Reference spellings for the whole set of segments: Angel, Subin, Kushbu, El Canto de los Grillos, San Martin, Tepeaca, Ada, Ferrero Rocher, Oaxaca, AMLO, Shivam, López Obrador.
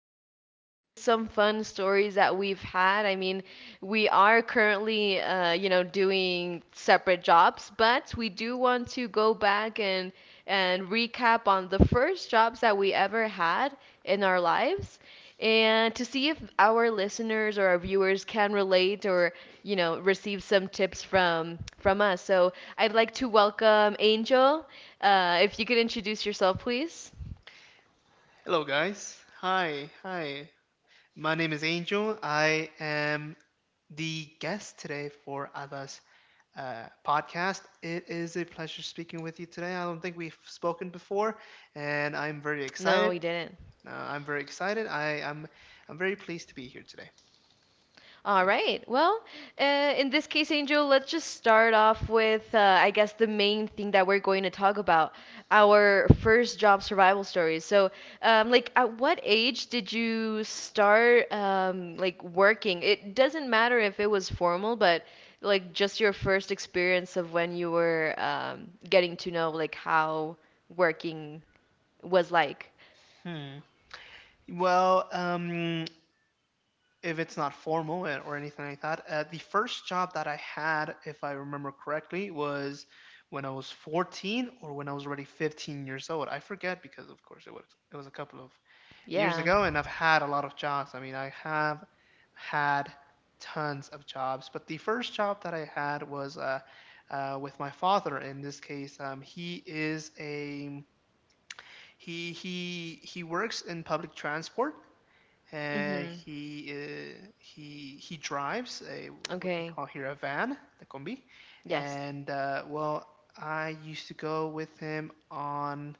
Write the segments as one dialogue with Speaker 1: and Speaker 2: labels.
Speaker 1: just some fun stories that we've had. I mean, we are currently doing separate jobs, but we do want to go back and recap on the first jobs that we ever had in our lives, and to see if our listeners or our viewers can relate or receive some tips from us. So I'd like to welcome Angel. If you could introduce yourself, please.
Speaker 2: Hello, guys. Hi, hi. My name is Angel. I am the guest today for Ada's podcast. It is a pleasure speaking with you today. I don't think we've spoken before, and I'm very
Speaker 1: No,
Speaker 2: excited.
Speaker 1: we didn't.
Speaker 2: I'm very excited. I am. I'm very pleased to be here today.
Speaker 1: All
Speaker 2: Thank.
Speaker 1: right. Well, in this case, Angel, let's just start off with, I guess, the main thing that we're going to talk about, our first job survival stories. So, like, at what age did you start, like, working? It doesn't matter if it was formal, but like, just your first experience of when you were, getting to know, like, how working was like.
Speaker 2: Hmm. Well, if it's not formal or anything like that. The first job that I had, if I remember correctly, was when I was 14, or when I was already 15 years old. I forget because, of course, it was a couple of years
Speaker 1: Yeah.
Speaker 2: ago, and I've had a lot of jobs. I mean, I have had tons of jobs, but the first job that I had was with my father. In this case, he is a he works in public transport. uh,
Speaker 1: Mm-hmm.
Speaker 2: he uh, he he drives a what we
Speaker 1: Okay.
Speaker 2: call here a van, the combi,
Speaker 1: Yes.
Speaker 2: and well, I used to go with him on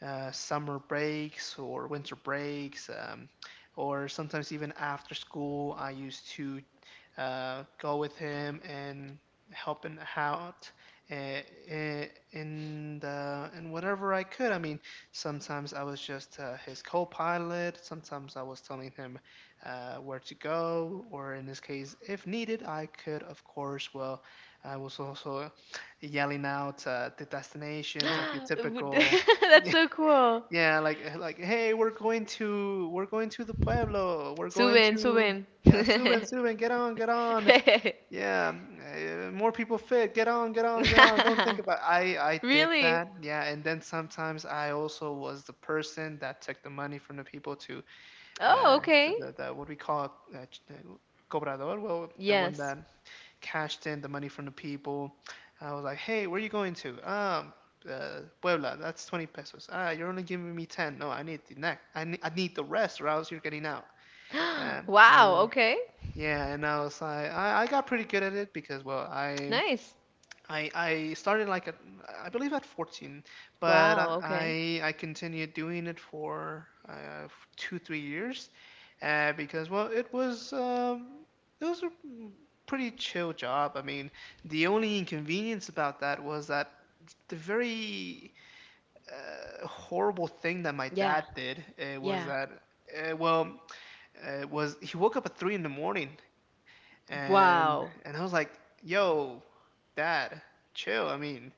Speaker 2: summer breaks or winter breaks, or sometimes even after school, I used to go with him and help him out, uh, in whatever I could. I mean, sometimes I was just his co-pilot. Sometimes I was telling him where to go, or in this case, if needed, I could, of course, well, I was also yelling out the destinations, like the
Speaker 1: Would-
Speaker 2: typical.
Speaker 1: That's so cool.
Speaker 2: Yeah, like like hey, we're going to the pueblo. We're going
Speaker 1: Subin,
Speaker 2: to,
Speaker 1: Subin.
Speaker 2: yeah, suben, suben, get on, get on. Yeah, more people fit. Get on, get on, get on. Don't think about. I did
Speaker 1: Really?
Speaker 2: that. Yeah, and then sometimes I also was the person that took the money from the people to
Speaker 1: Oh,
Speaker 2: uh the
Speaker 1: okay.
Speaker 2: the, the what we call cobrador. Well, the one
Speaker 1: Yes.
Speaker 2: that cashed in the money from the people. I was like, hey, where are you going to? Puebla. That's 20 pesos. Ah, you're only giving me 10. No, I need the neck. I need the rest, or else you're getting out. Um,
Speaker 1: Wow,
Speaker 2: and-
Speaker 1: okay.
Speaker 2: yeah, and I was like, I got pretty good at it because, well, I
Speaker 1: Nice.
Speaker 2: I I started like at, I believe, at 14, but
Speaker 1: Wow, okay.
Speaker 2: I continued doing it for 2 3 years, because well it was, it was a pretty chill job. I mean, the only inconvenience about that was that the very horrible thing that my
Speaker 1: Yeah,
Speaker 2: dad did, was
Speaker 1: yeah.
Speaker 2: that well was he woke up at 3 in the morning,
Speaker 1: Wow.
Speaker 2: and I was like, yo dad, chill. I mean,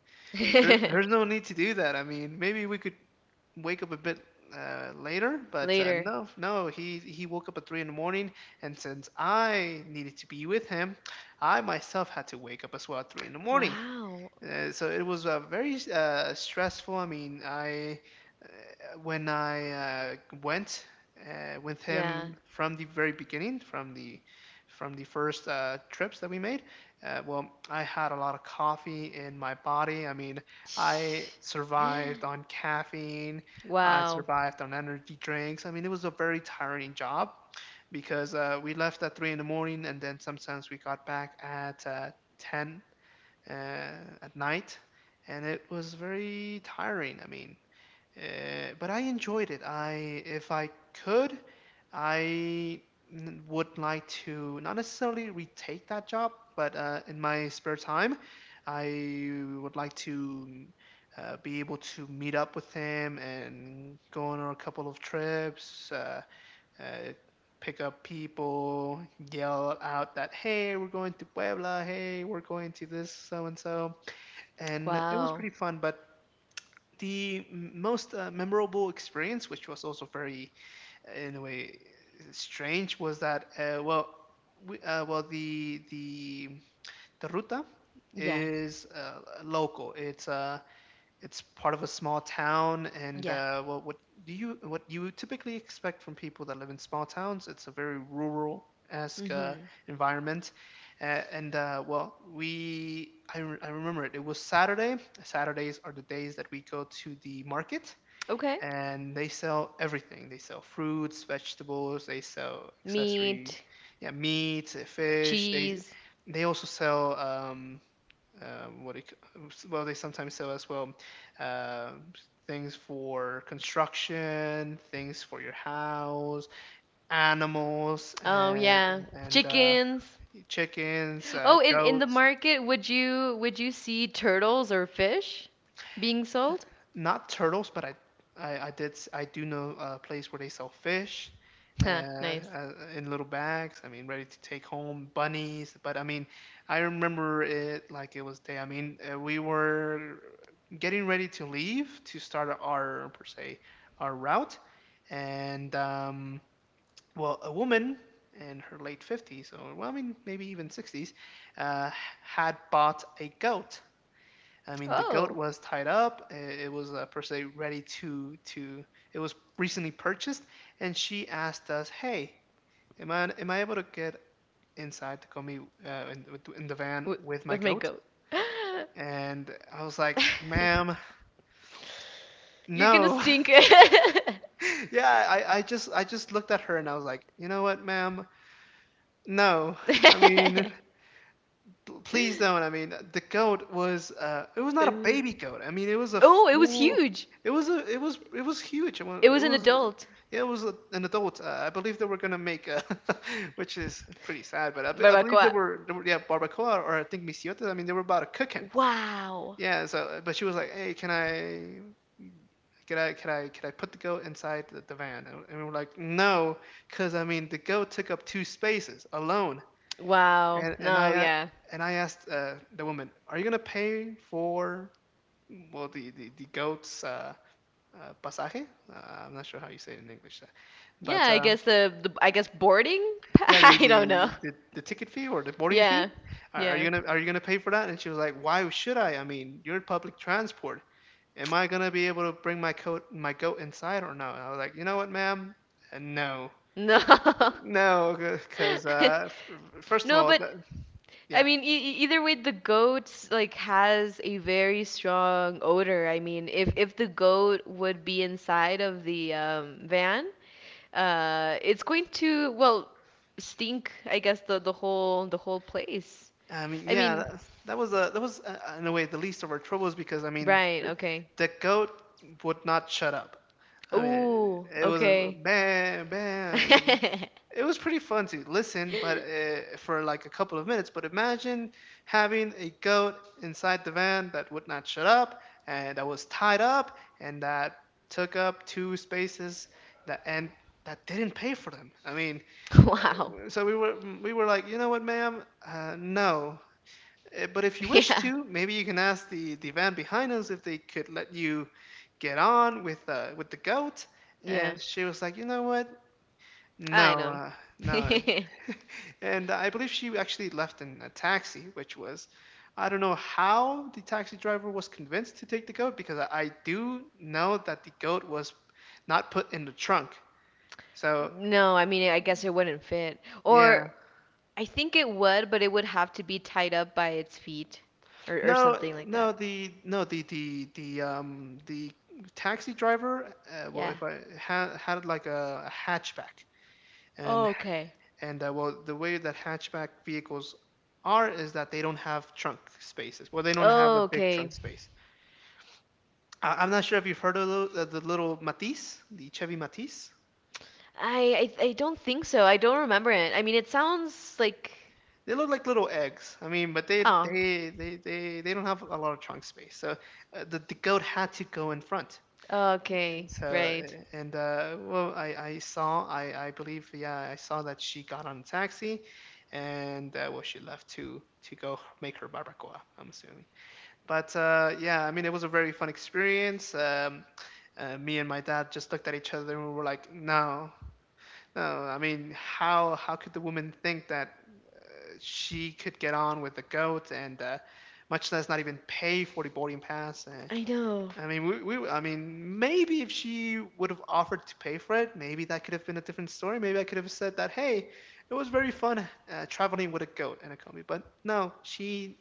Speaker 2: there's no need to do that. I mean, maybe we could wake up a bit later, but
Speaker 1: Later.
Speaker 2: no, no. He woke up at 3 in the morning, and since I needed to be with him, I myself had to wake up as well at 3 in the morning.
Speaker 1: Wow.
Speaker 2: So it was very stressful. I mean, I when I went with
Speaker 1: Yeah.
Speaker 2: him from the very beginning, from the first trips that we made, well, I had a lot of coffee in my body. I mean, I
Speaker 1: Sh-
Speaker 2: survived on caffeine. I
Speaker 1: Wow.
Speaker 2: survived on energy drinks. I mean, it was a very tiring job because we left at 3 in the morning, and then sometimes we got back at 10 at night, and it was very tiring. I mean, but I enjoyed it. If I could, I would like to not necessarily retake that job, but in my spare time, I would like to be able to meet up with him and go on a couple of trips. Uh, Pick up people, yell out that, hey, we're going to Puebla, hey, we're going to this so and so, and it was
Speaker 1: Wow.
Speaker 2: pretty fun. But the most memorable experience, which was also very, in a way, strange, was that well, we, well the ruta
Speaker 1: Yeah.
Speaker 2: is local. It's part of a small town, and
Speaker 1: Yeah.
Speaker 2: well, what you typically expect from people that live in small towns. It's a very rural esque
Speaker 1: Mm-hmm.
Speaker 2: environment, and well, I remember it, it was Saturday. Saturdays are the days that we go to the market,
Speaker 1: Okay.
Speaker 2: and they sell everything. They sell fruits, vegetables, they sell accessories,
Speaker 1: Meat,
Speaker 2: yeah, meat, fish. they
Speaker 1: cheese.
Speaker 2: they also sell, what it, well they sometimes sell as well, um things for construction, things for your house, animals,
Speaker 1: Oh, yeah.
Speaker 2: and
Speaker 1: Chickens.
Speaker 2: chickens,
Speaker 1: Oh, in the
Speaker 2: goats.
Speaker 1: market, would you see turtles or fish being sold?
Speaker 2: Not turtles, but I did, I do know a place where they sell fish, uh,
Speaker 1: Huh, nice.
Speaker 2: uh, in little bags. I mean, ready to take home, bunnies. But I mean, I remember it like it was day. I mean, we were getting ready to leave, to start our per se our route, and well, a woman in her late 50s, or well, I mean, maybe even 60s, uh, had bought a goat. I mean, the goat
Speaker 1: Oh,
Speaker 2: was tied up. It was, per se, ready to to. It was recently purchased, and she asked us, "Hey, am I able to get inside to come in, in the van
Speaker 1: w
Speaker 2: with my
Speaker 1: with my
Speaker 2: goat?"
Speaker 1: goat.
Speaker 2: And I was like, "Ma'am,
Speaker 1: You're gonna
Speaker 2: no."
Speaker 1: stink.
Speaker 2: Yeah, I just looked at her and I was like, "You know what, ma'am? No. I mean, please don't." I mean, the goat was, it was not a
Speaker 1: Uh,
Speaker 2: baby goat. I mean, it was a
Speaker 1: Oh, it was
Speaker 2: full.
Speaker 1: huge.
Speaker 2: It was a it was huge.
Speaker 1: It was an adult.
Speaker 2: Yeah, it was a, an adult. I believe they were gonna make a, which is pretty sad. But I believe
Speaker 1: Barbacoa.
Speaker 2: they were, yeah, barbacoa, or I think misiotes. I mean, they were about to cook him.
Speaker 1: Wow.
Speaker 2: Yeah. So, but she was like, hey, can I? Can I put the goat inside the van? And we were like, no, because I mean the goat took up two spaces alone,
Speaker 1: Wow.
Speaker 2: and
Speaker 1: No, yeah.
Speaker 2: I asked the woman, "Are you gonna pay for well the goat's pasaje? I'm not sure how you say it in English,
Speaker 1: Yeah,
Speaker 2: but
Speaker 1: I guess the, I guess boarding?
Speaker 2: yeah,
Speaker 1: I don't know.
Speaker 2: the ticket fee, or the boarding fee.
Speaker 1: Yeah.
Speaker 2: Are
Speaker 1: Yeah.
Speaker 2: you gonna pay for that?" And she was like, "Why should I? I mean, you're public transport. Am I gonna be able to bring my goat inside or no?" And I was like, "You know what, ma'am? No."
Speaker 1: No.
Speaker 2: No, because first of
Speaker 1: No,
Speaker 2: all,
Speaker 1: but
Speaker 2: that,
Speaker 1: I
Speaker 2: yeah,
Speaker 1: mean, either way, the goat like has a very strong odor. I mean, if the goat would be inside of the van, it's going to, well, stink, I guess, the whole place.
Speaker 2: I mean,
Speaker 1: I
Speaker 2: yeah,
Speaker 1: mean,
Speaker 2: that, that was a that was in a way the least of our troubles, because I mean,
Speaker 1: right, okay.
Speaker 2: the goat would not shut up. I mean,
Speaker 1: Ooh,
Speaker 2: it was a-
Speaker 1: okay.
Speaker 2: bam, bam. I mean, it was pretty fun to listen, but for like a couple of minutes. But imagine having a goat inside the van that would not shut up, and that was tied up, and that took up two spaces, that and that didn't pay for them. I mean,
Speaker 1: Wow.
Speaker 2: so we were, we were like, you know what, ma'am? No, but if you wish
Speaker 1: Yeah.
Speaker 2: to, maybe you can ask the van behind us if they could let you get on with the goat.
Speaker 1: Yeah.
Speaker 2: And she was like, you know what? No,
Speaker 1: I know.
Speaker 2: no. And I believe she actually left in a taxi, which was, I don't know how the taxi driver was convinced to take the goat, because I do know that the goat was not put in the trunk. So
Speaker 1: No, I mean, I guess it wouldn't fit.
Speaker 2: yeah,
Speaker 1: Or I think it would, but it would have to be tied up by its feet, or
Speaker 2: no,
Speaker 1: something like
Speaker 2: no,
Speaker 1: that.
Speaker 2: the taxi driver. Well,
Speaker 1: Yeah.
Speaker 2: if I had had like a hatchback, and
Speaker 1: Oh, okay.
Speaker 2: and well, the way that hatchback vehicles are is that they don't have trunk spaces. Well, they don't have
Speaker 1: Oh,
Speaker 2: a big
Speaker 1: okay.
Speaker 2: trunk space. I'm not sure if you've heard of those, the little Matisse, the Chevy Matisse.
Speaker 1: I don't think so. I don't remember it. I mean, it sounds like
Speaker 2: They look like little eggs. I mean, but
Speaker 1: oh,
Speaker 2: they don't have a lot of trunk space. So the goat had to go in front.
Speaker 1: okay,
Speaker 2: And so,
Speaker 1: right.
Speaker 2: and well, I believe, yeah, I saw that she got on a taxi, and well, she left to go make her barbacoa, I'm assuming. But yeah, I mean, it was a very fun experience. Me and my dad just looked at each other and we were like, no, no. I mean, how could the woman think that she could get on with the goat and much less not even pay for the boarding pass?
Speaker 1: I know.
Speaker 2: I mean, I mean, maybe if she would have offered to pay for it, maybe that could have been a different story. Maybe I could have said that, hey, it was very fun traveling with a goat and a combi. But no, she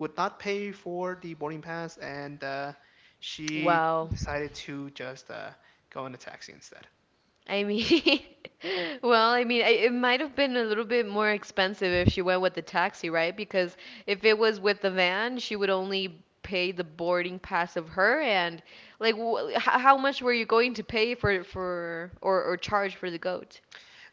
Speaker 2: would not pay for the boarding pass, and she
Speaker 1: Wow.
Speaker 2: decided to just go in a taxi instead.
Speaker 1: I mean, well, I mean, it might have been a little bit more expensive if she went with the taxi, right? Because if it was with the van, she would only pay the boarding pass of her, and like how much were you going to pay for or charge for the goat?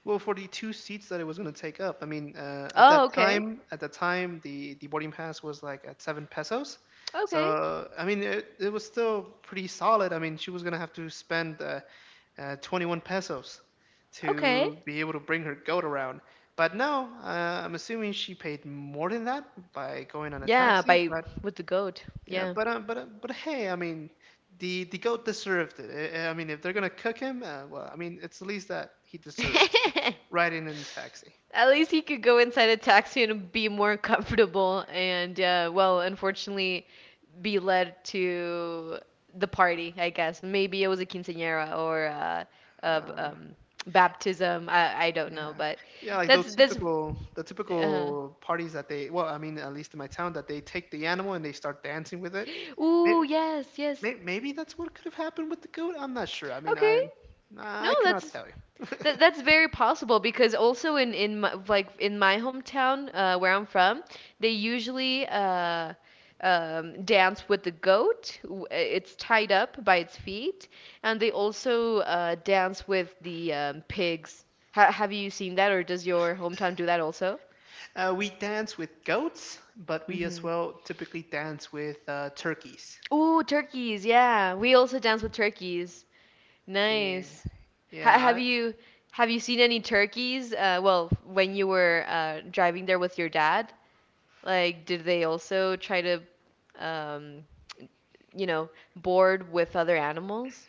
Speaker 2: Well, for the two seats that it was going to take up, I mean, at that
Speaker 1: Oh, okay.
Speaker 2: time, at that time, the boarding pass was like at 7 pesos,
Speaker 1: Okay.
Speaker 2: so I mean, it was still pretty solid. I mean, she was going to have to spend 21 pesos
Speaker 1: Okay.
Speaker 2: to be able to bring her goat around. But no, I'm assuming she paid more than that by going on a
Speaker 1: Yeah,
Speaker 2: taxi.
Speaker 1: by
Speaker 2: But.
Speaker 1: with the goat.
Speaker 2: Yeah,
Speaker 1: Yeah.
Speaker 2: but but hey, I mean, the goat deserved it. I mean, if they're gonna cook him, well, I mean, it's the least that he deserves. The Riding in a taxi.
Speaker 1: At least he could go inside a taxi and be more comfortable and, well, unfortunately, be led to the party, I guess. Maybe it was a quinceañera or a, a
Speaker 2: Uh,
Speaker 1: um, baptism. I don't know,
Speaker 2: yeah,
Speaker 1: but
Speaker 2: yeah, like
Speaker 1: that's
Speaker 2: those
Speaker 1: that's.
Speaker 2: typical the
Speaker 1: Uh,
Speaker 2: typical parties that they. Well, I mean, at least in my town, that they take the animal and they start dancing with it.
Speaker 1: Ooh, yes, yes.
Speaker 2: Maybe that's what could have happened with the goat. I'm not sure. I mean,
Speaker 1: Okay.
Speaker 2: I
Speaker 1: No,
Speaker 2: I cannot tell you.
Speaker 1: That's very possible, because also in my, like in my hometown where I'm from, they usually dance with the goat. It's tied up by its feet, and they also dance with the pigs. Ha have you seen that, or does your hometown do that also?
Speaker 2: We dance with goats, but we as
Speaker 1: Mm-hmm.
Speaker 2: well typically dance with turkeys.
Speaker 1: Ooh, turkeys! Yeah, we also dance with turkeys.
Speaker 2: Yeah.
Speaker 1: Nice. Ha
Speaker 2: Yeah,
Speaker 1: have you seen any turkeys? Well, when you were driving there with your dad, like, did they also try to, um, you know, board with other animals?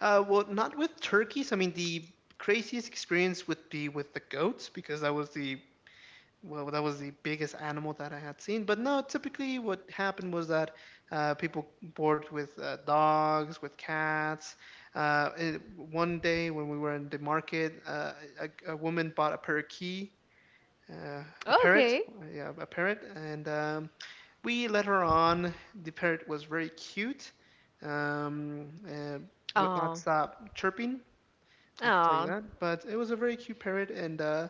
Speaker 2: Well, not with turkeys. I mean, the craziest experience would be with the goats because that was the well, that was the biggest animal that I had seen. But no, typically what happened was that people board with dogs, with cats. One day when we were in the market, a woman bought a parakeet, a parrot,
Speaker 1: Okay.
Speaker 2: yeah, a parrot, and we later on, the parrot was very cute, um, uh, would not
Speaker 1: Oh.
Speaker 2: stop chirping. I can tell you
Speaker 1: Oh.
Speaker 2: that, but it was a very cute parrot,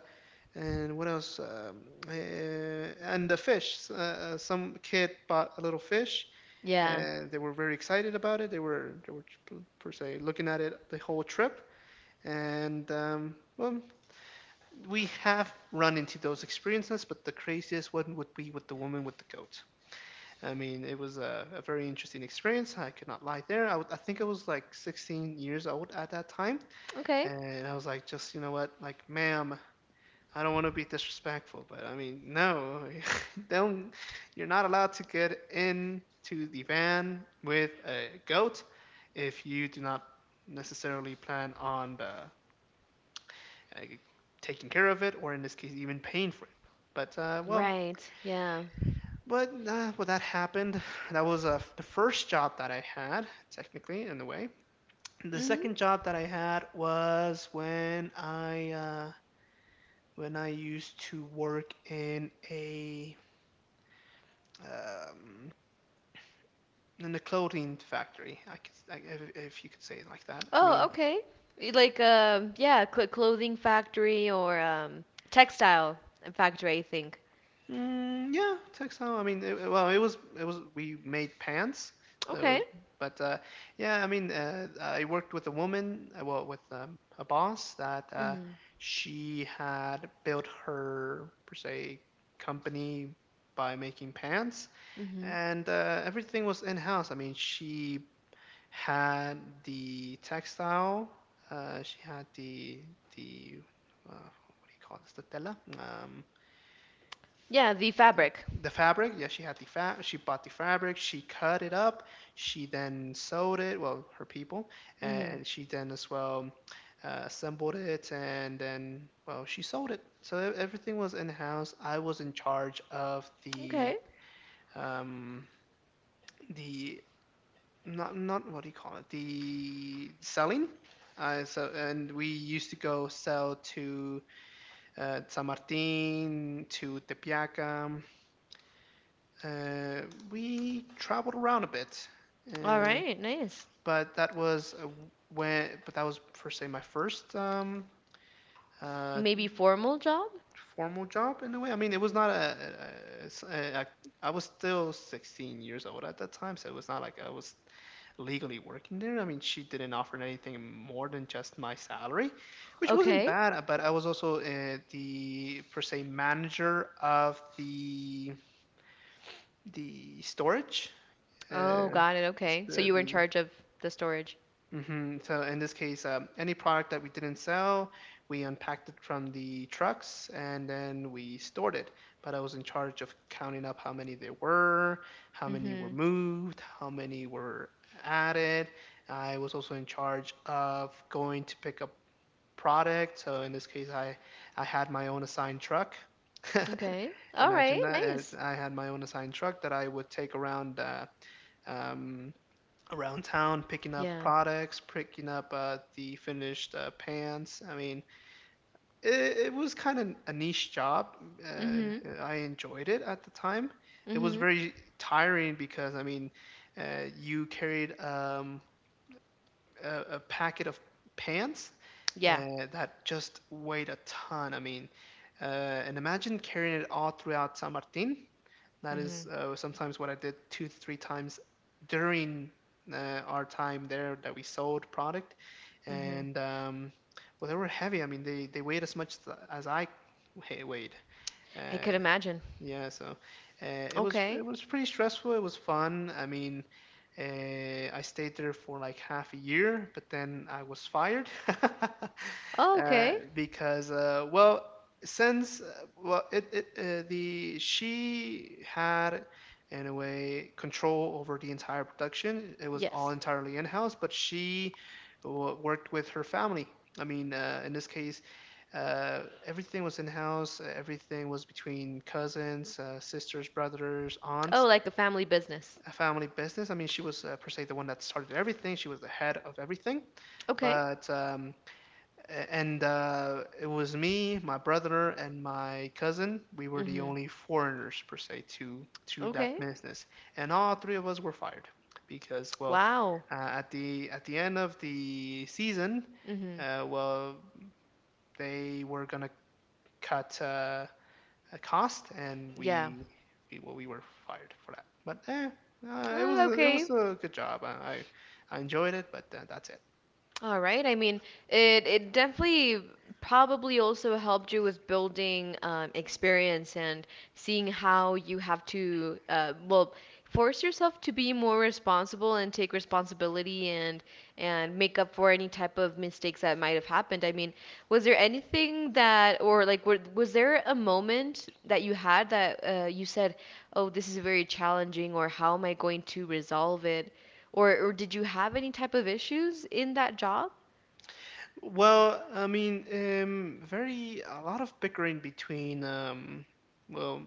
Speaker 2: and what else? Uh, and the fish. Some kid bought a little fish,
Speaker 1: Yeah.
Speaker 2: and they were very excited about it. They were per se looking at it the whole trip, and well, we have run into those experiences, but the craziest one would be with the woman with the goat. I mean, it was a very interesting experience. I could not lie there. I think I was like 16 years old at that time.
Speaker 1: Okay.
Speaker 2: And I was like, just, you know what, like, ma'am, I don't want to be disrespectful, but I mean, no, don't, you're not allowed to get into the van with a goat if you do not necessarily plan on the uh, taking care of it, or in this case, even paying for it. But well,
Speaker 1: Right. Yeah.
Speaker 2: but Well, that happened. That was the first job that I had, technically, in a way. The
Speaker 1: Mhm.
Speaker 2: second job that I had was when I used to work um, in a clothing factory. If you could say it like that. I
Speaker 1: Oh,
Speaker 2: mean,
Speaker 1: okay. Like, yeah, clothing factory or textile factory, I think.
Speaker 2: mm, yeah, textile. I mean, it was we made pants, so it
Speaker 1: Okay.
Speaker 2: was. But yeah, I mean, I worked with a woman, well, with a boss that
Speaker 1: Mhm.
Speaker 2: she had built her per se company by making pants,
Speaker 1: Mhm.
Speaker 2: and everything was in house. I mean, she had the textile, she had the what do you call this, the tela.
Speaker 1: Yeah, the
Speaker 2: Think
Speaker 1: fabric.
Speaker 2: the fabric yeah, she had the fab. She bought the fabric, she cut it up, she then sewed it, well her people,
Speaker 1: Mhm.
Speaker 2: and she then as well assembled it, and then well she sold it. So everything was in house. I was in charge of the
Speaker 1: Okay.
Speaker 2: um the not what do you call it, the selling. And we used to go sell to San Martin, to Tepeaca. Uh, we traveled around a bit,
Speaker 1: All
Speaker 2: uh,
Speaker 1: right. Nice.
Speaker 2: but that was when. But that was per se my first uh,
Speaker 1: Maybe formal job?
Speaker 2: formal job, in a way. I mean, it was not a- s- a- I I was still 16 years old at that time, so it was not like I was legally working there. I mean, she didn't offer anything more than just my salary, which wasn't
Speaker 1: Okay.
Speaker 2: bad. But I was also the per se manager of the storage.
Speaker 1: Oh,
Speaker 2: Uh,
Speaker 1: got it.
Speaker 2: it's
Speaker 1: Okay. So you were in
Speaker 2: the
Speaker 1: charge of the storage.
Speaker 2: hmm So in this case, any product that we didn't sell, we unpacked it from the trucks and then we stored it. But I was in charge of counting up how many there were, how many were
Speaker 1: Mm-hmm.
Speaker 2: moved, how many were added. I was also in charge of going to pick up product. So in this case, I had my own assigned truck.
Speaker 1: Okay. All
Speaker 2: Imagine
Speaker 1: right.
Speaker 2: that, and
Speaker 1: Nice.
Speaker 2: I had my own assigned truck that I would take around. Um, Around town picking up
Speaker 1: Yeah.
Speaker 2: products, picking up the finished pants. I mean, it was kind of a niche job.
Speaker 1: Mm-hmm.
Speaker 2: I enjoyed it at the time. It was
Speaker 1: Mm-hmm.
Speaker 2: very tiring because, I mean, you carried a packet of pants
Speaker 1: Yeah.
Speaker 2: that just weighed a ton. I mean, and imagine carrying it all throughout San Martin. That
Speaker 1: Mm-hmm.
Speaker 2: is sometimes what I did two, three times during our time there that we sold product.
Speaker 1: Mm-hmm.
Speaker 2: And well, they were heavy. I mean, they weighed as much as I weighed.
Speaker 1: I could
Speaker 2: Uh,
Speaker 1: imagine.
Speaker 2: yeah, so uh, it was
Speaker 1: Okay.
Speaker 2: pretty stressful. It was fun. I mean, I stayed there for like half a year, but then I was fired
Speaker 1: Oh, okay.
Speaker 2: because well, since well, it the she had in a way control over the entire production. It was all
Speaker 1: Yes.
Speaker 2: entirely in house, but she worked with her family. I mean, in this case, everything was in house. Everything was between cousins, sisters, brothers,
Speaker 1: Oh,
Speaker 2: aunts.
Speaker 1: like a family business.
Speaker 2: A family business. I mean, she was per se the one that started everything. She was the head of everything.
Speaker 1: Okay.
Speaker 2: But and It was me, my brother, and my cousin. We were the
Speaker 1: Mm-hmm.
Speaker 2: only foreigners per se to that
Speaker 1: Okay.
Speaker 2: business, and all three of us were fired because well,
Speaker 1: Wow.
Speaker 2: at the end of the season,
Speaker 1: Mm-hmm.
Speaker 2: uh, well, they were gonna cut. A cost, and
Speaker 1: Yeah.
Speaker 2: we well, we were fired for that. But it was it
Speaker 1: Okay.
Speaker 2: was a good job. I enjoyed it, but that's it.
Speaker 1: All right. I mean, it definitely probably also helped you with building experience and seeing how you have to well, force yourself to be more responsible and take responsibility and make up for any type of mistakes that might have happened. I mean, was there anything that, or like were, was there a moment that you had that you said, "Oh, this is very challenging," or "How am I going to resolve it?" Or did you have any type of issues in that job?
Speaker 2: Well, I mean, very a lot of bickering between well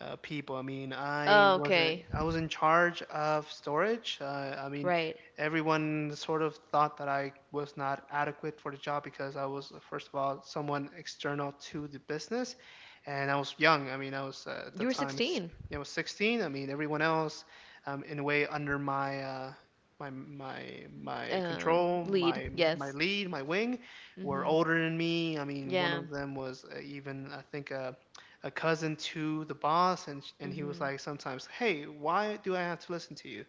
Speaker 2: people. I mean, I
Speaker 1: Oh,
Speaker 2: wasn't
Speaker 1: okay.
Speaker 2: I was in charge of storage. I mean,
Speaker 1: Right.
Speaker 2: everyone sort of thought that I was not adequate for the job because I was first of all someone external to the business, and I was young. I mean, I was at the
Speaker 1: You were
Speaker 2: time
Speaker 1: 16.
Speaker 2: you know, 16. I mean, everyone else in a way under my my my my control,
Speaker 1: Lead.
Speaker 2: my
Speaker 1: Yes.
Speaker 2: lead, my wing were
Speaker 1: Mhm.
Speaker 2: older than me. I mean, one
Speaker 1: Yeah.
Speaker 2: of them was even I think a cousin to the boss, and and he was
Speaker 1: Mhm.
Speaker 2: like, sometimes, hey, why do I have to listen to you?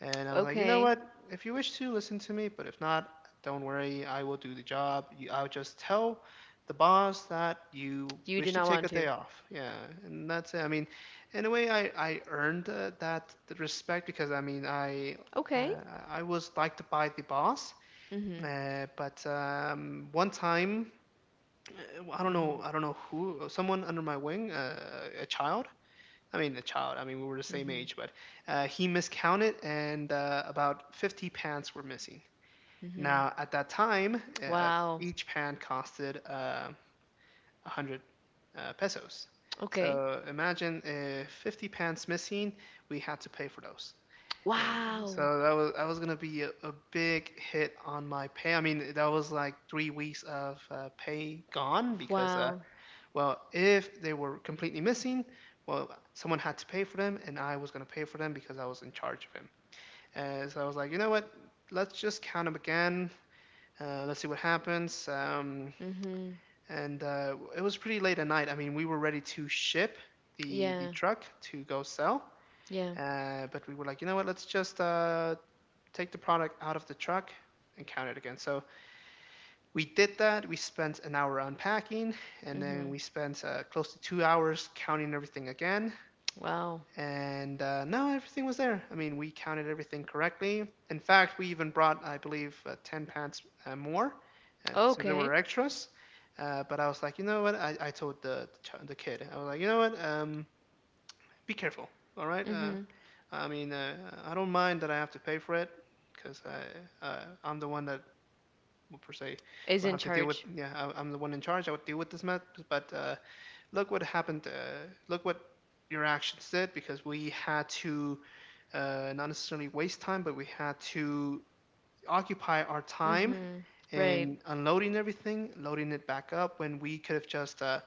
Speaker 2: And I was like, you know
Speaker 1: Okay.
Speaker 2: what, if you wish to listen to me, but if not, don't worry, I will do the job. I'll just tell the boss that you
Speaker 1: You did
Speaker 2: wish to
Speaker 1: not
Speaker 2: take
Speaker 1: want
Speaker 2: a
Speaker 1: to.
Speaker 2: day off, yeah, and that's it. I mean, in a way, I earned that respect because I mean
Speaker 1: Okay.
Speaker 2: I was liked by the boss,
Speaker 1: Mhm.
Speaker 2: but one time, I don't know,
Speaker 1: Mhm.
Speaker 2: who, someone under my wing, a child. I mean, a child. I mean, we were the same
Speaker 1: Mhm.
Speaker 2: age, but he miscounted, and about 50 pants were missing.
Speaker 1: Mhm.
Speaker 2: Now, at that time, uh,
Speaker 1: Wow.
Speaker 2: each pant costed 100 pesos.
Speaker 1: Okay.
Speaker 2: So imagine 50 pants missing, we had to pay for those. And
Speaker 1: Wow.
Speaker 2: so that was gonna be a big hit on my pay. I mean, that was like three weeks of pay gone, because
Speaker 1: Wow.
Speaker 2: well, if they were completely missing, well, someone had to pay for them, and I was going to pay for them because I was in charge of him. And so I was like, you know what? Let's just count them again. Let's see what happens.
Speaker 1: Mhm.
Speaker 2: And it was pretty late at night. I mean, we were ready to ship the
Speaker 1: Yeah.
Speaker 2: truck to go sell,
Speaker 1: Yeah.
Speaker 2: but we were like, you know what? Let's just take the product out of the truck and count it again. So we did that. We spent an hour unpacking, and then
Speaker 1: Mhm.
Speaker 2: we spent close to 2 hours counting everything again.
Speaker 1: Wow.
Speaker 2: And no, everything was there. I mean, we counted everything correctly. In fact, we even brought, I believe, ten pants more, and so there
Speaker 1: Okay.
Speaker 2: were extras. But I was like, you know what? I told the kid. I was like, you know what? Be careful, all right?
Speaker 1: Mhm.
Speaker 2: I mean, uh, I don't mind that I have to pay for it because I'm the one that will, per se,
Speaker 1: Is
Speaker 2: will
Speaker 1: in
Speaker 2: have to deal with.
Speaker 1: charge.
Speaker 2: Yeah, I'm the one in charge. I would deal with this mess. But Look what happened. Look what your actions did, because we had to, not necessarily waste time, but we had to occupy our time
Speaker 1: Mhm. Right.
Speaker 2: in unloading everything, loading it back up, when we could have just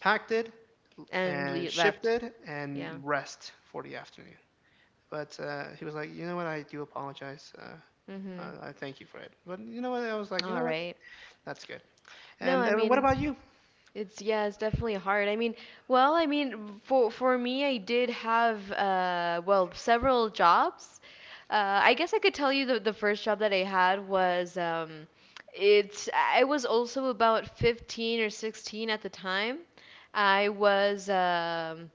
Speaker 2: packed it
Speaker 1: And
Speaker 2: and
Speaker 1: le
Speaker 2: shipped
Speaker 1: left.
Speaker 2: it
Speaker 1: Yeah.
Speaker 2: and rest for the afternoon. But He was like, you know what? I do apologize.
Speaker 1: Mhm.
Speaker 2: I thank you for it. But you know what? I was like, you know
Speaker 1: All
Speaker 2: what?
Speaker 1: right.
Speaker 2: That's good.
Speaker 1: No,
Speaker 2: And
Speaker 1: I
Speaker 2: What
Speaker 1: mean,
Speaker 2: about you?
Speaker 1: it's yeah, it's definitely hard. I mean, well, I mean, for me, I did have well, several jobs. I guess I could tell you the first job that I had was it's I was also about 15 or 16 at the time. I was um,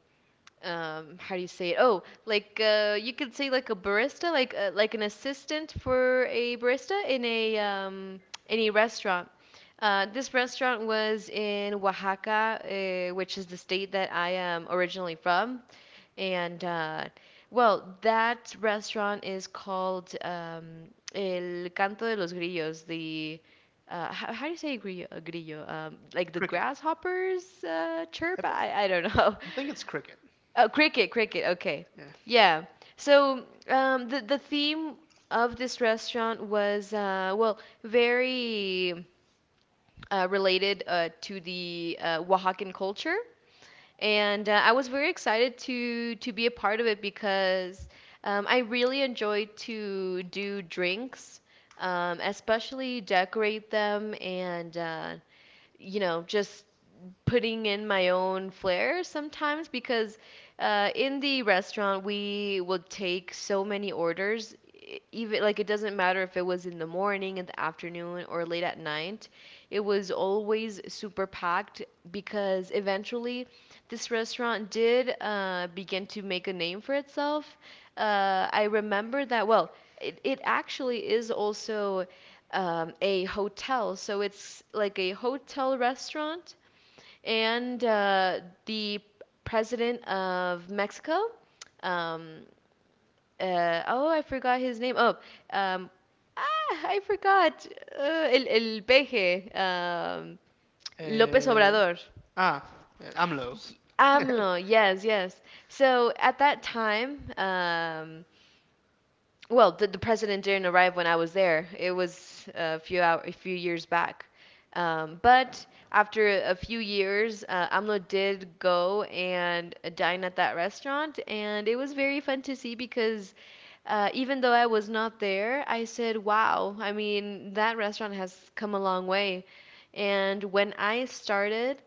Speaker 1: um how do you say it? Oh, like you could say like a barista, like an assistant for a barista in a restaurant. This restaurant was in Oaxaca, which is the state that I am originally from. And well, that restaurant is called El Canto de los Grillos, the how, do you say grillo? Like the
Speaker 2: Cricket.
Speaker 1: grasshoppers chirp?
Speaker 2: I, bel
Speaker 1: I don't know.
Speaker 2: I think it's cricket.
Speaker 1: Oh, cricket, cricket. Okay.
Speaker 2: Yeah.
Speaker 1: Yeah. So, the theme of this restaurant was well, very related to the Oaxacan culture, and I was very excited to be a part of it, because I really enjoyed to do drinks, especially decorate them, and just putting in my own flair sometimes, because in the restaurant we would take so many orders, even like it doesn't matter if it was in the morning, in the afternoon, or late at night, it was always super packed, because eventually this restaurant did begin to make a name for itself. I remember that. Well, it actually is also a hotel. So it's like a hotel restaurant. And the president of Mexico, um, oh, I forgot his name. Oh, um, ah, I forgot. Uh, el, peje, López
Speaker 2: And
Speaker 1: Obrador.
Speaker 2: ah, AMLO.
Speaker 1: AMLO, yes, yes. So at that time, well, the president didn't arrive when I was there. It was a few years back. But after a few years, AMLO did go and dine at that restaurant, and it was very fun to see, because even though I was not there, I said, wow, I mean, that restaurant has come a long way. And when I started,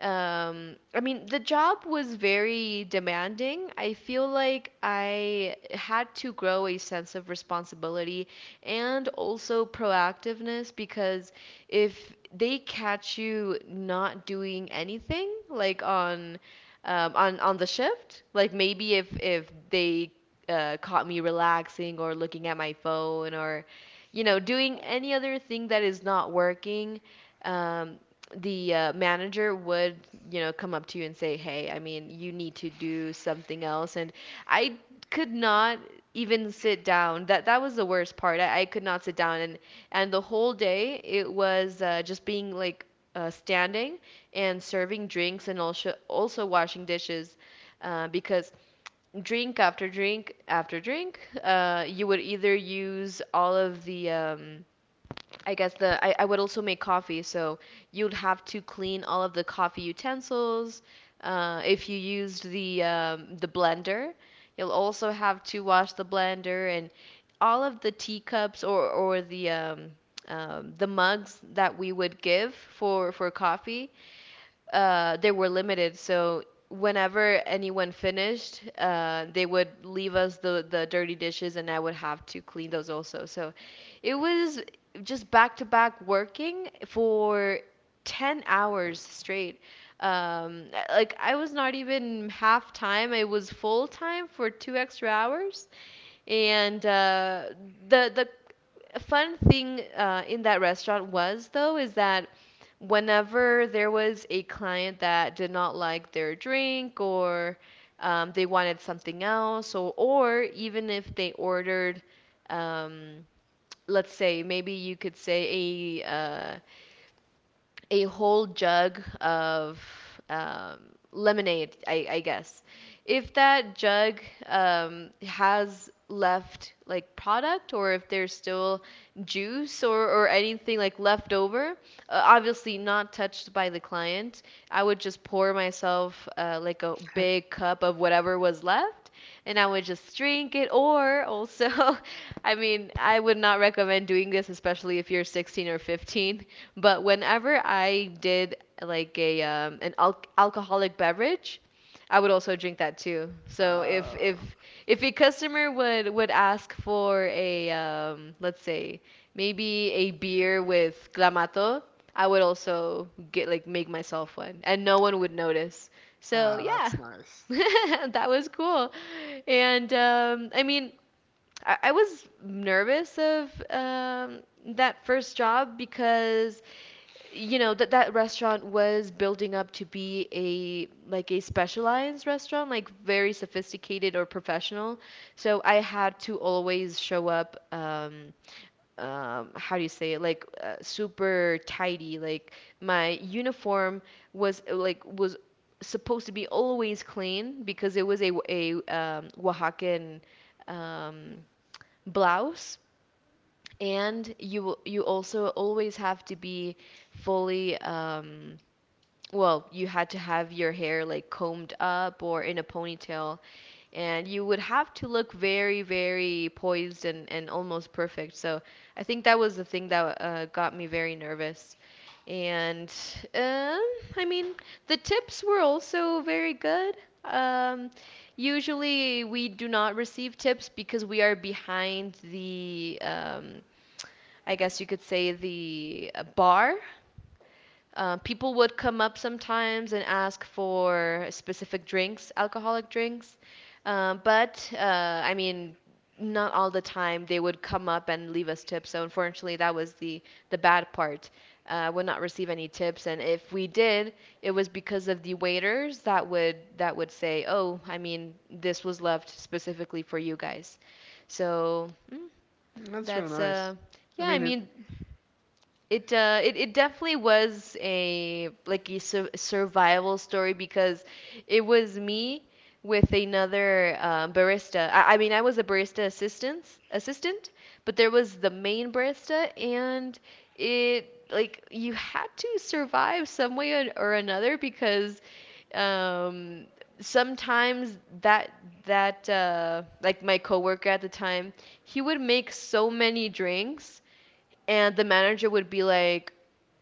Speaker 1: I mean, the job was very demanding. I feel like I had to grow a sense of responsibility and also proactiveness, because if they catch you not doing anything, like on on the shift, like maybe if they caught me relaxing or looking at my phone, or, doing any other thing that is not working, um, the manager would, come up to you and say, hey, I mean, you need to do something else. And I could not even sit down. That was the worst part. I could not sit down, and the whole day it was just being like standing and serving drinks and also washing dishes, because drink after drink after drink. You would either use all of the, I guess the, I would also make coffee, so you'd have to clean all of the coffee utensils. If you used the blender, you'll also have to wash the blender and all of the teacups, or the mugs that we would give for coffee. They were limited. So whenever anyone finished, they would leave us the dirty dishes, and I would have to clean those also. So it was just back to back working for 10 hours straight. Like, I was not even half time, I was full time for 2 extra hours. And the the fun thing in that restaurant was, though, is that whenever there was a client that did not like their drink, or they wanted something else, or even if they ordered um, let's say maybe you could say a whole jug of um, lemonade, I guess. If that jug has left like product, or if there's still juice or anything like left over, obviously not touched by the client, I would just pour myself like a
Speaker 2: uh,
Speaker 1: big cup of whatever was left, and I would just drink it. Or also, I mean, I would not recommend doing this, especially if you're 16 or 15. But whenever I did like a an al- alcoholic beverage, I would also drink that too. So if if
Speaker 2: ah,
Speaker 1: if a customer would ask for a let's say maybe a beer with clamato, I would also get, like, make myself one, and no one would notice. So yeah,
Speaker 2: that's nice.
Speaker 1: that was cool. And I mean, I was nervous of that first job because you know that that restaurant was building up to be a like a specialized restaurant, like very sophisticated or professional. So I had to always show up, how do you say it, like super tidy. Like, my uniform was supposed to be always clean, because it was a Oaxacan um, blouse. And you also always have to be fully, well, you had to have your hair like combed up or in a ponytail, and you would have to look very, very poised and almost perfect. So I think that was the thing that got me very nervous. And um, I mean, the tips were also very good. Um, Usually, we do not receive tips because we are behind the, I guess you could say, the bar. People would come up sometimes and ask for specific drinks, alcoholic drinks. But I mean, not all the time they would come up and leave us tips. So unfortunately, that was the bad part. Would not receive any tips, and if we did, it was because of the waiters that would say, "Oh, I mean, this was left specifically for you guys." So mm,
Speaker 2: That's real
Speaker 1: that's
Speaker 2: nice.
Speaker 1: yeah.
Speaker 2: I
Speaker 1: I
Speaker 2: mean, it—
Speaker 1: mean, it it it definitely was a like a survival story, because it was me with another, barista. I mean, I was a barista assistant, but there was the main barista. And it, like, you had to survive some way or another, because um, sometimes that that like my coworker at the time, he would make so many drinks, and the manager would be like,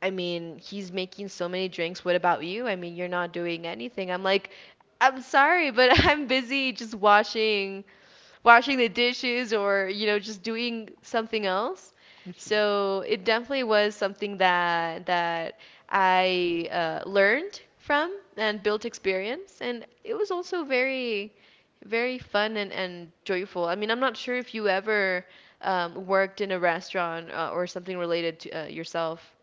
Speaker 1: I mean, he's making so many drinks. What about you? I mean, you're not doing anything. I'm like, I'm sorry, but I'm busy just washing the dishes or, you know, just doing something else.
Speaker 2: mhm.
Speaker 1: So it definitely was something that I learned from and built experience. And it was also very, very fun and joyful. I mean, I'm not sure if you ever, worked in a restaurant or something related to, yourself.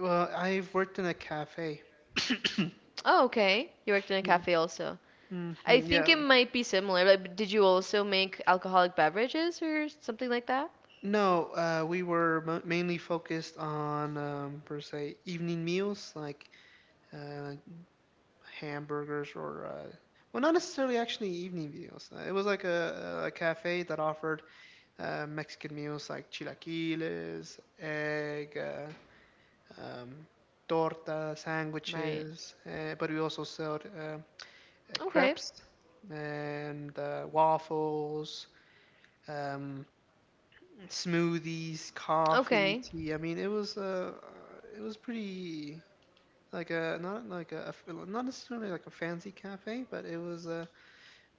Speaker 2: Well, I've worked in a cafe.
Speaker 1: Oh, okay. You worked in a
Speaker 2: Hmm.
Speaker 1: cafe also. I think
Speaker 2: Yeah.
Speaker 1: it might be similar. Like, did you also make alcoholic beverages or something like that?
Speaker 2: No, we were mainly focused on, per se, evening meals like, uh, hamburgers, well, not necessarily actually evening meals. It was like a cafe that offered Mexican meals like chilaquiles, egg, um, torta,
Speaker 1: Right.
Speaker 2: sandwiches, but we also sell
Speaker 1: Okay.
Speaker 2: crepes and waffles, um, smoothies, coffee,
Speaker 1: Okay.
Speaker 2: tea. I mean, it was, it was pretty— like, a not like not necessarily like a fancy cafe, but it was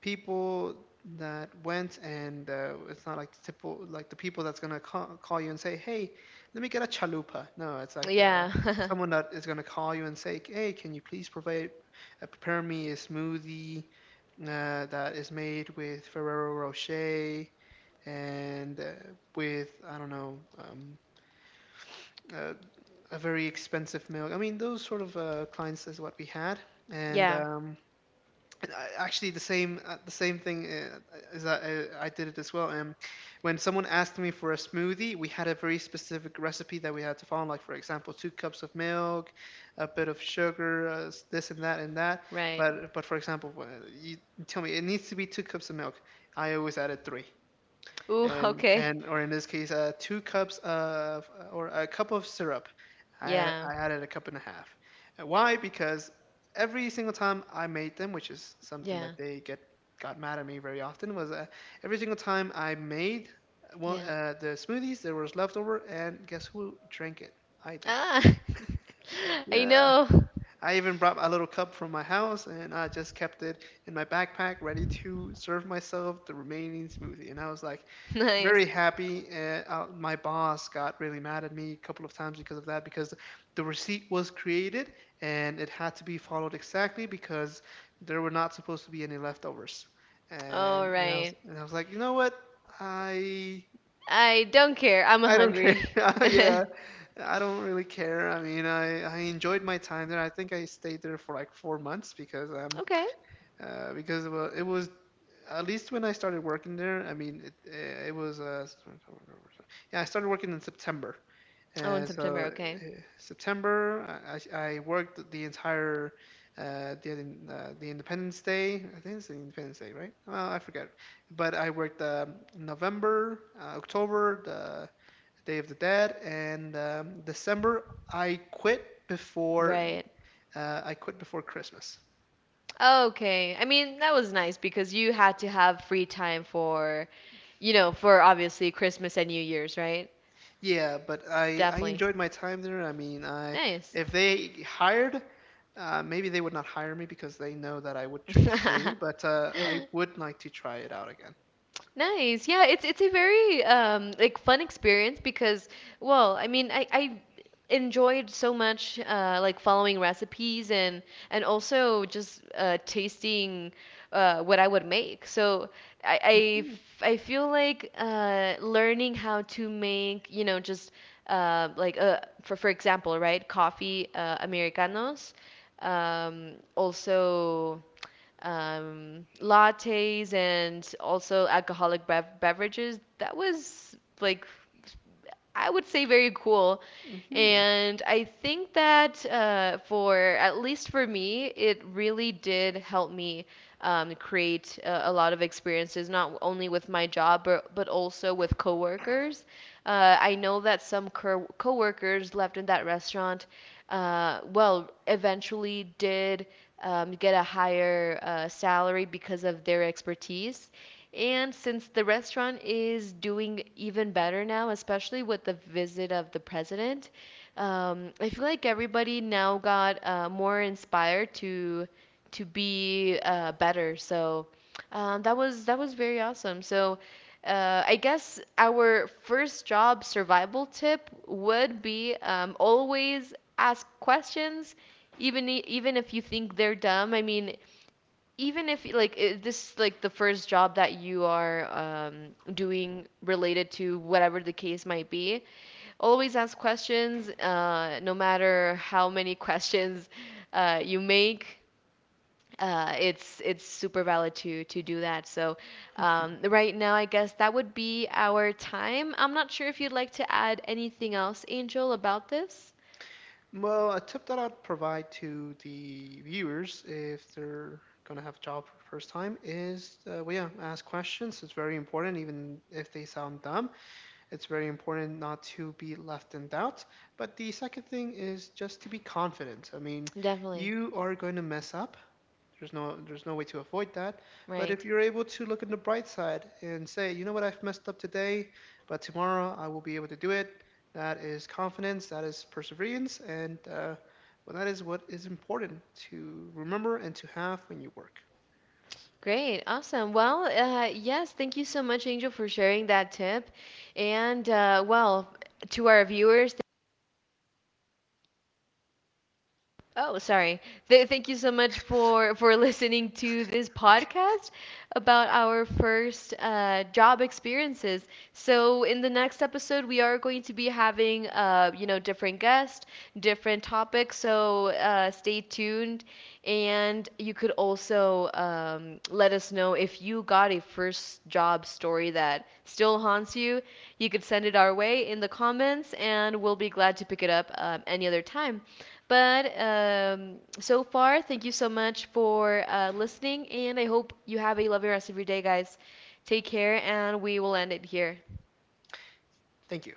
Speaker 2: people that went. And it's not like the typical— like, the people that's gonna call you and say, hey, let me get a chalupa. No, it's like the
Speaker 1: Yeah.
Speaker 2: someone that is gonna call you and say, hey, can you please provide— prepare me a smoothie that is made with Ferrero Rocher and, with, I don't know, uh, a very expensive milk. I mean, those sort of clients is what we had. and
Speaker 1: Yeah,
Speaker 2: um, and actually the same, the same thing, is that I did it as well. When someone asked me for a smoothie, we had a very specific recipe that we had to follow. Like, for example, two cups of milk, a bit of sugar, this and that and that.
Speaker 1: right.
Speaker 2: But for example, you tell me it needs to be two cups of milk. I always added three.
Speaker 1: Ooh,
Speaker 2: and
Speaker 1: okay.
Speaker 2: and or in this case, two cups of or a cup of syrup.
Speaker 1: Yeah.
Speaker 2: I added a cup and a half. And why? Because every single time I made them, which is something
Speaker 1: Yeah.
Speaker 2: that they get got mad at me very often, was, every single time I made
Speaker 1: Yeah.
Speaker 2: the smoothies, there was leftover, and guess who drank it? I did.
Speaker 1: Ah. I
Speaker 2: Yeah,
Speaker 1: know.
Speaker 2: I even brought a little cup from my house and I just kept it in my backpack, ready to serve myself the remaining smoothie. And I was, like,
Speaker 1: Nice.
Speaker 2: very happy. And my boss got really mad at me a couple of times because of that, because the receipt was created and it had to be followed exactly, because there were not supposed to be any leftovers.
Speaker 1: All
Speaker 2: And, and I was
Speaker 1: right.
Speaker 2: and I was like, you know what? I
Speaker 1: I don't care. I'm
Speaker 2: I don't care.
Speaker 1: hungry.
Speaker 2: Yeah, I don't really care. I mean, I enjoyed my time there. I think I stayed there for like 4 months, because
Speaker 1: Okay.
Speaker 2: because, well, it was— at least when I started working there, I mean, it was yeah, I started working in September.
Speaker 1: Oh, in
Speaker 2: And
Speaker 1: September,
Speaker 2: so,
Speaker 1: okay.
Speaker 2: September, I worked the entire uh the the Independence Day. I think it's the Independence Day, right? Well, I forget. But I worked, November, October, the Day of the Dead, and, December. I quit before
Speaker 1: Right.
Speaker 2: I quit before Christmas.
Speaker 1: Okay. I mean, that was nice because you had to have free time for, you know, for obviously Christmas and New Year's, right?
Speaker 2: Yeah, but I—
Speaker 1: Definitely.
Speaker 2: enjoyed my time there. I mean, I—
Speaker 1: Nice.
Speaker 2: if they hired, maybe they would not hire me because they know that I would drink the smoothie. But I would like to try it out again.
Speaker 1: Nice. Yeah, it's a very like fun experience, because well, I mean, I enjoyed so much like following recipes, and also just tasting what I would make. So I I
Speaker 2: Hmm.
Speaker 1: I feel like learning how to make, you know, just for example, right? Coffee americanos. Also, lattes, and also alcoholic beverages. That was like, I would say, very cool.
Speaker 2: Hmm.
Speaker 1: And I think that, for at least for me, it really did help me, create a lot of experiences, not only with my job, but also with coworkers. I know that some coworkers left in that restaurant, well, eventually did, get a higher salary because of their expertise. And since the restaurant is doing even better now, especially with the visit of the president, I feel like everybody now got, more inspired to be, better. So that was very awesome. So I guess our first job survival tip would be, always ask questions, even even if you think they're dumb. I mean, even if like this like the first job that you are, um, doing related to whatever the case might be. Always ask questions, no matter how many questions you make. It's super valid to do that. So right now, I guess that would be our time. I'm not sure if you'd like to add anything else, Angel, about this.
Speaker 2: Well, a tip that I'd provide to the viewers if they're gonna have a job for the first time is, well, yeah, ask questions. It's very important, even if they sound dumb. It's very important not to be left in doubt. But the second thing is just to be confident. I mean,
Speaker 1: Definitely.
Speaker 2: you are going to mess up. There's no way to avoid that. But
Speaker 1: Right.
Speaker 2: if you're able to look on the bright side and say, you know what, I've messed up today, but tomorrow I will be able to do it. That is confidence. That is perseverance. And well, that is what is important to remember and to have when you work.
Speaker 1: Great. Awesome. Well, yes, thank you so much, Angel, for sharing that tip. And well, to our viewers, Oh, sorry. Th Thank you so much for listening to this
Speaker 2: Okay,
Speaker 1: podcast about our first job experiences. So in the next episode, we are going to be having, you know, different guests, different topics. So stay tuned, and you could also, let us know if you got a first job story that still haunts you. You could send it our way in the comments, and we'll be glad to pick it up, any other time. But so far, thank you so much for, listening, and I hope you have a lovely rest of your day, guys. Take care, and we will end it here.
Speaker 2: thank you.